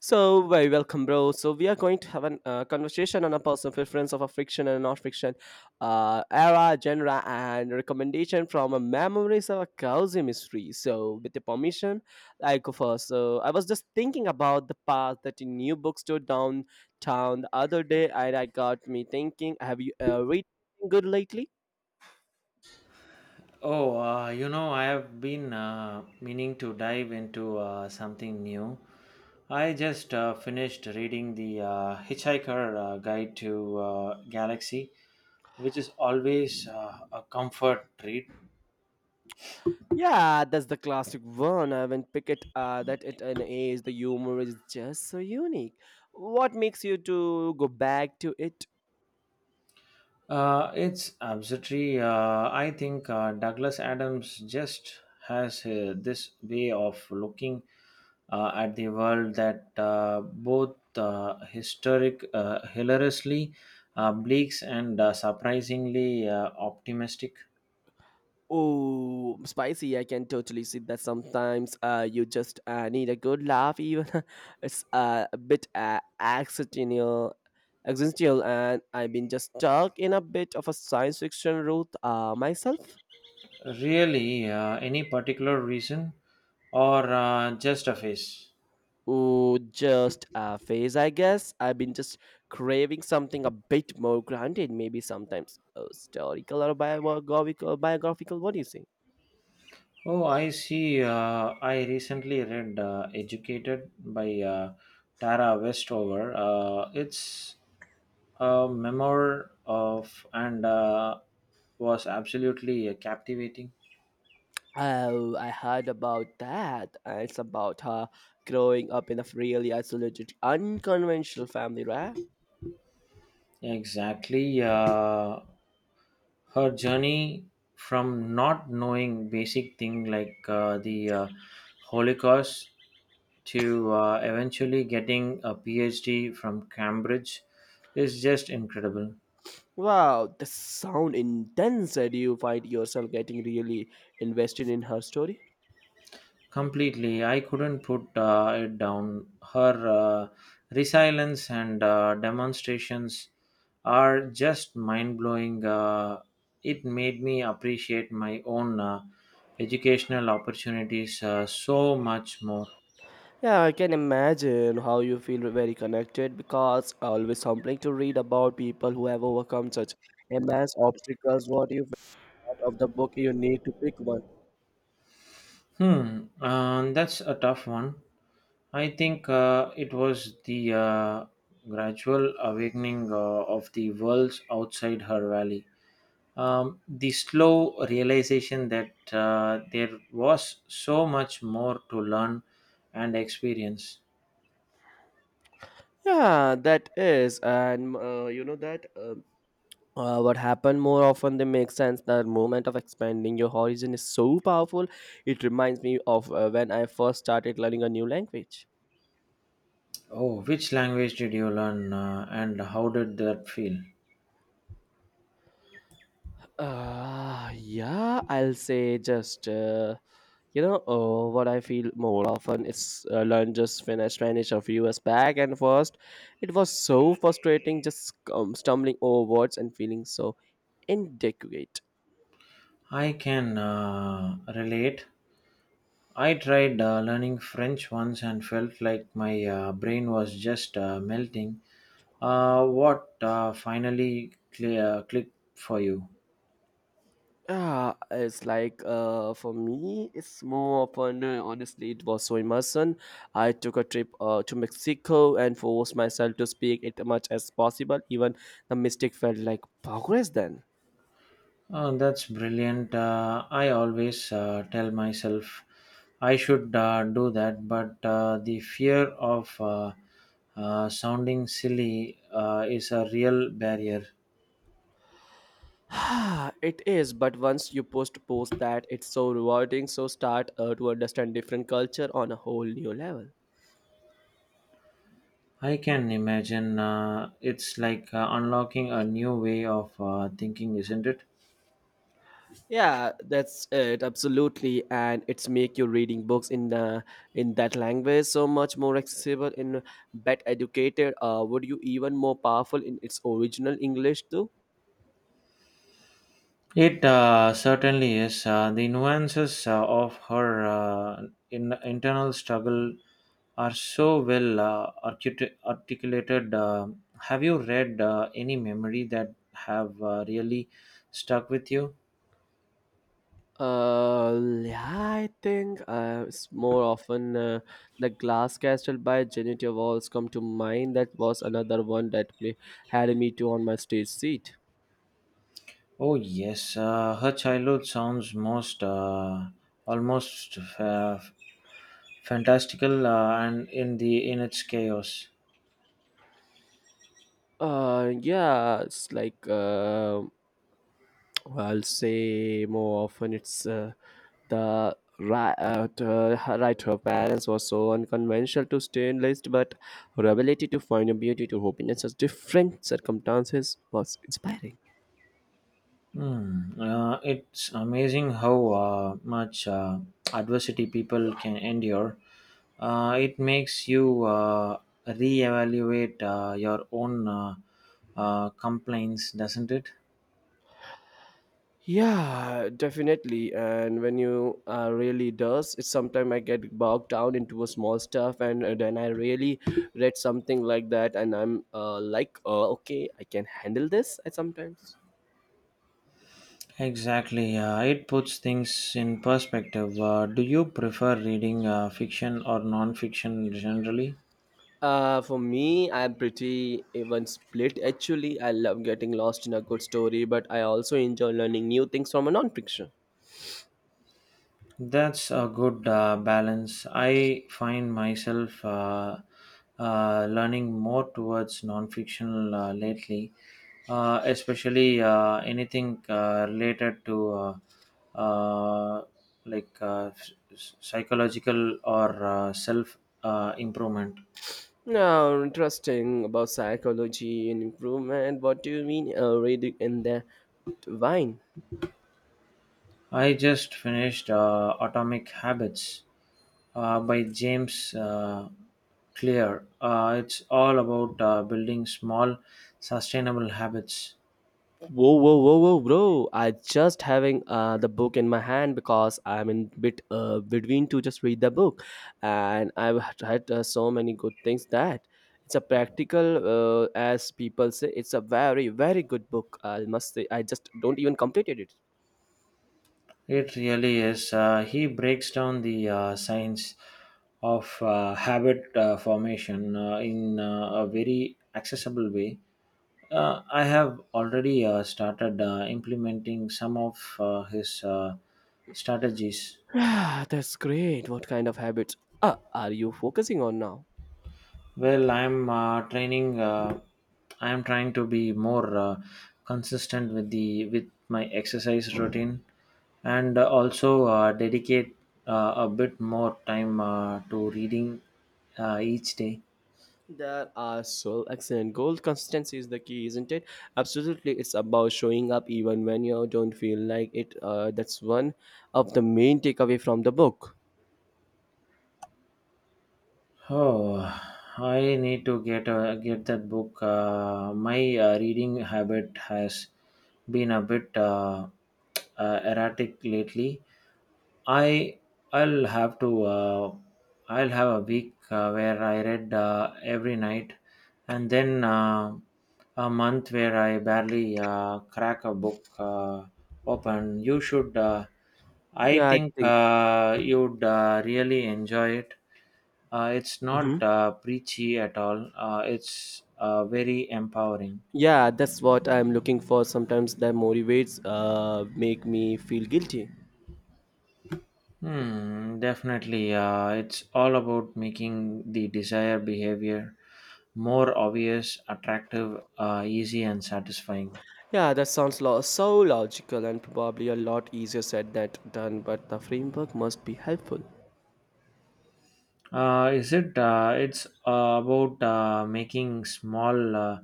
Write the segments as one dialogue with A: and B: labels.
A: So, very welcome, bro. So, we are going to have a conversation on a personal preference of a fiction and non-fiction era, genre, and recommendation from a memories of a cozy mystery. So, with the permission, I go first. So, I was just thinking about the path that a new bookstore downtown the other day, and I got me thinking, have you read anything good lately?
B: Oh, I have been meaning to dive into something new. I just finished reading the Hitchhiker Guide to Galaxy, which is always a comfort read.
A: Yeah, that's the classic one. I haven't pick it that at an age. The humor is just so unique. What makes you to go back to it?
B: It's absolutely. I think Douglas Adams just has this way of looking at the world that both hilariously bleak and surprisingly optimistic.
A: Oh, spicy! I can totally see that. Sometimes you just need a good laugh. Even it's a bit accidental, existential, and I've been just stuck in a bit of a science fiction route myself.
B: Really, any particular reason or just a phase?
A: Oh, just a phase, I guess. I've been just craving something a bit more grounded, maybe sometimes historical or biographical. Biographical, what do you say?
B: Oh, I see. I recently read Educated by Tara Westover. It's a memoir of and was absolutely captivating.
A: Oh, I heard about that. It's about her growing up in a really isolated, unconventional family, right?
B: Exactly. Her journey from not knowing basic thing like the Holocaust to eventually getting a PhD from Cambridge is just incredible.
A: Wow, the sound intense that you find yourself getting really invested in her story.
B: Completely, I couldn't put it down. Her resilience and demonstrations are just mind blowing. It made me appreciate my own educational opportunities so much more.
A: Yeah, I can imagine how you feel very connected because always humbling to read about people who have overcome such immense obstacles. What you out of the book, you need to pick one.
B: That's a tough one. I think it was the gradual awakening of the worlds outside her valley. The slow realization that there was so much more to learn and experience.
A: Yeah, that is, and you know that what happened more often they make sense. The moment of expanding your horizon is so powerful. It reminds me of when I first started learning a new language.
B: Oh, which language did you learn and how did that feel?
A: Yeah, I'll say just you know what I feel more often is learn just finished Spanish a few years back, and first it was so frustrating, just stumbling over words and feeling so inadequate.
B: I can relate. I tried learning French once and felt like my brain was just melting. What finally clear, clicked for you?
A: Ah, it's like for me, it's more often. Honestly, it was so immersion. I took a trip to Mexico and forced myself to speak it much as possible. Even the mistake felt like progress then.
B: That's brilliant. I always tell myself I should do that, but the fear of sounding silly is a real barrier.
A: It is, but once you post that, it's so rewarding, so start to understand different culture on a whole new level.
B: I can imagine it's like unlocking a new way of thinking, isn't it?
A: Yeah, that's it absolutely, and it's make your reading books in that language so much more accessible and better educated would you even more powerful in its original English too.
B: It certainly is. The nuances of her internal struggle are so well articulated. Have you read any memory that have really stuck with you?
A: Uh, yeah, I think it's more often the Glass Castle by Genitia Walls come to mind. That was another one that me, had me too on my stage seat.
B: Oh yes, her childhood sounds most almost fantastical and in its chaos.
A: Yeah, it's like I'll say more often it's the right to her parents was so unconventional to stay in list, but her ability to find a beauty to hope in such different circumstances was inspiring.
B: Hmm. It's amazing how much adversity people can endure. It makes you reevaluate your own complaints, doesn't it?
A: Yeah, definitely. And when you really does, it's sometimes I get bogged down into a small stuff, and then I really read something like that, and I'm like, okay, I can handle this. I sometimes.
B: Exactly. It puts things in perspective. Do you prefer reading fiction or non fiction generally?
A: For me, I'm pretty even split. Actually, I love getting lost in a good story, but I also enjoy learning new things from a non-fiction.
B: That's a good balance. I find myself learning more towards non-fictional lately, especially anything related to uh, like s- s- psychological or self improvement.
A: Now, interesting about psychology and improvement. What do you mean reading in the wine?
B: I just finished Atomic Habits by James Clear. It's all about building small, sustainable habits.
A: Whoa, whoa, whoa, whoa, bro! I just having the book in my hand because I'm in bit between to just read the book, and I've had so many good things that it's a practical, as people say, it's a very, very good book. I must say, I just don't even completed it.
B: It really is. He breaks down the science of habit formation in a very accessible way. I have already started implementing some of his strategies.
A: Ah, that's great. What kind of habits are you focusing on now?
B: Well, I'm training. I'm trying to be more consistent with the with my exercise routine, and also dedicate a bit more time to reading each day.
A: There are so excellent goals. Consistency is the key, isn't it? Absolutely, it's about showing up even when you don't feel like it. That's one of the main takeaway from the book.
B: Oh, I need to get that book. My reading habit has been a bit erratic lately. I I'll have to uh, I'll have a week where I read every night, and then a month where I barely crack a book open. You should. I
A: Yeah, I
B: think
A: think.
B: you'd really enjoy it. It's
A: Mhm.
B: not preachy at all. It's very empowering.
A: Yeah, that's what I'm looking for. Sometimes that motivates, make me feel guilty.
B: Hmm, definitely. It's all about making the desired behavior more obvious, attractive, easy, and satisfying.
A: Yeah, that sounds so logical and probably a lot easier said than done, but the framework must be helpful.
B: Is it? It's about making small, uh,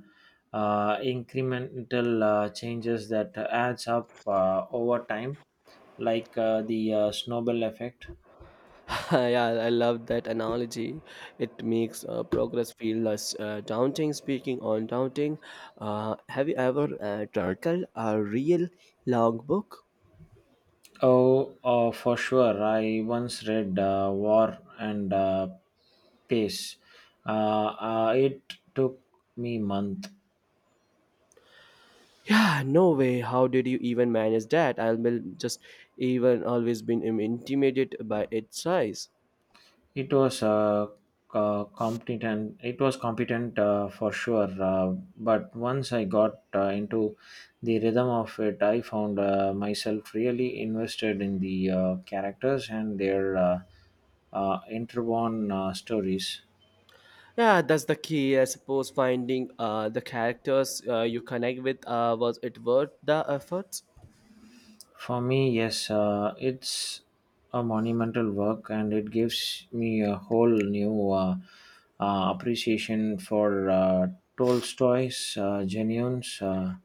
B: uh, incremental changes that adds up over time, like the snowball effect.
A: Yeah, I love that analogy. It makes progress feel less daunting. Speaking on daunting, have you ever turtled a real long book?
B: Oh, for sure. I once read War and Peace. Uh, it took me month.
A: Yeah, no way. How did you even manage that? I will just even always been intimidated by its size.
B: It was competent for sure. But once I got into the rhythm of it, I found myself really invested in the characters and their interwoven stories.
A: Yeah, that's the key. I suppose finding the characters you connect with was it worth the efforts?
B: For me, yes, it's a monumental work and it gives me a whole new appreciation for Tolstoy's Genuines.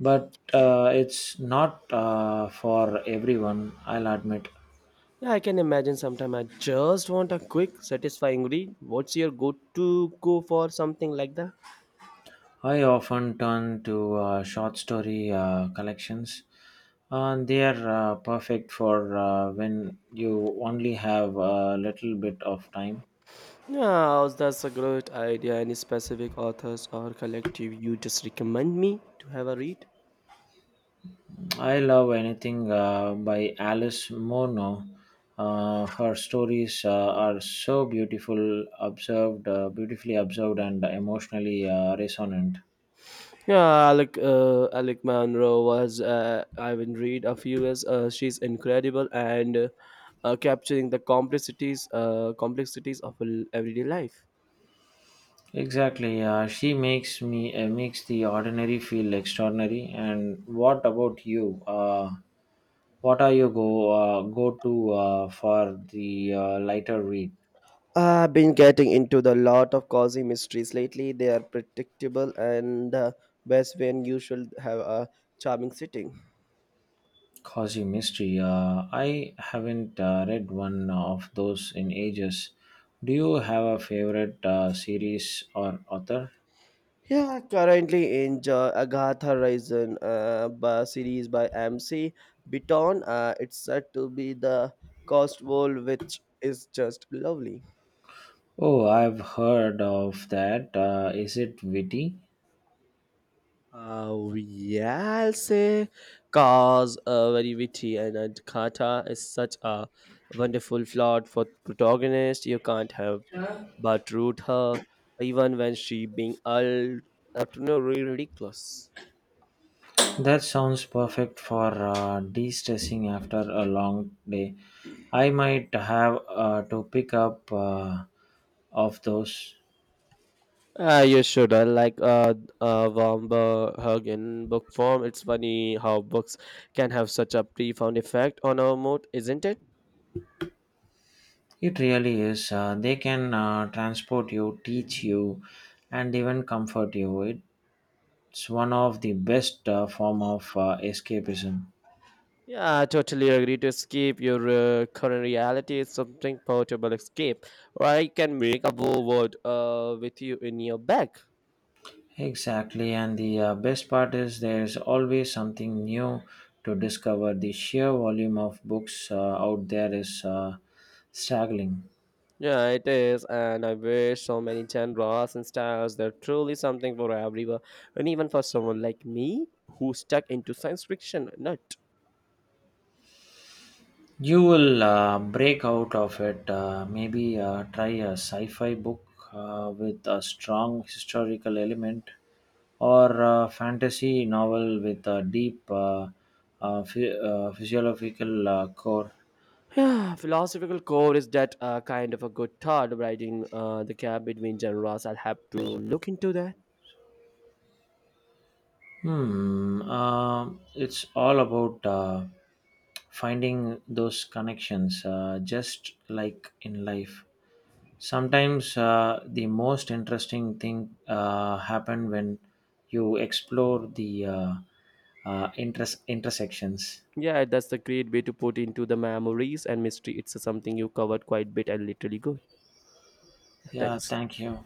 B: But it's not for everyone, I'll admit.
A: Yeah, I can imagine sometime I just want a quick, satisfying read. What's your go to go for something like that?
B: I often turn to short story collections. And they are perfect for when you only have a little bit of time.
A: Yeah, that's a great idea. Any specific authors or collective you just recommend me to have a read?
B: I love anything by Alice Munro. Her stories are so beautifully observed, and emotionally resonant.
A: Yeah, Alec, Alec Monroe was Ivan Reed a few years. She's incredible and capturing the complexities of everyday life.
B: Exactly, she makes the ordinary feel extraordinary. And what about you? What are your go to for the lighter read?
A: I've been getting into the lot of cozy mysteries lately. They are predictable and the best when you should have a charming sitting.
B: Causing mystery. I haven't read one of those in ages. Do you have a favorite series or author?
A: Yeah, currently enjoy Agatha Horizon by series by MC Biton. It's said to be the cost world, which is just lovely.
B: Oh, I've heard of that. Is it witty?
A: Yeah, I'll say cause very witty and Kata is such a wonderful plot for protagonist. You can't help but root her, even when she being all utterly ridiculous.
B: That sounds perfect for de stressing after a long day. I might have to pick up of those.
A: You should. I like warm hug in book form. It's funny how books can have such a profound effect on our mood, isn't it?
B: It really is. They can transport you, teach you, and even comfort you. It's one of the best form of escapism.
A: Yeah, I totally agree. To escape your current reality is something portable escape, or I can make a whole world with you in your bag.
B: Exactly, and the best part is there's always something new to discover. The sheer volume of books out there is staggering.
A: Yeah, it is, and I wish so many genres and styles. There's truly something for everyone, and even for someone like me who's stuck into science fiction nut.
B: You will break out of it. Maybe try a sci fi book with a strong historical element or a fantasy novel with a deep physiological core.
A: Yeah, philosophical core is that kind of a good thought, riding the gap between genres. I'll have to look into that.
B: Hmm. It's all about finding those connections, just like in life. Sometimes the most interesting thing happen when you explore the interest intersections.
A: Yeah, that's the great way to put into the memories and mystery. It's something you covered quite bit and literally good.
B: Yeah.
A: Thanks.
B: Thank you.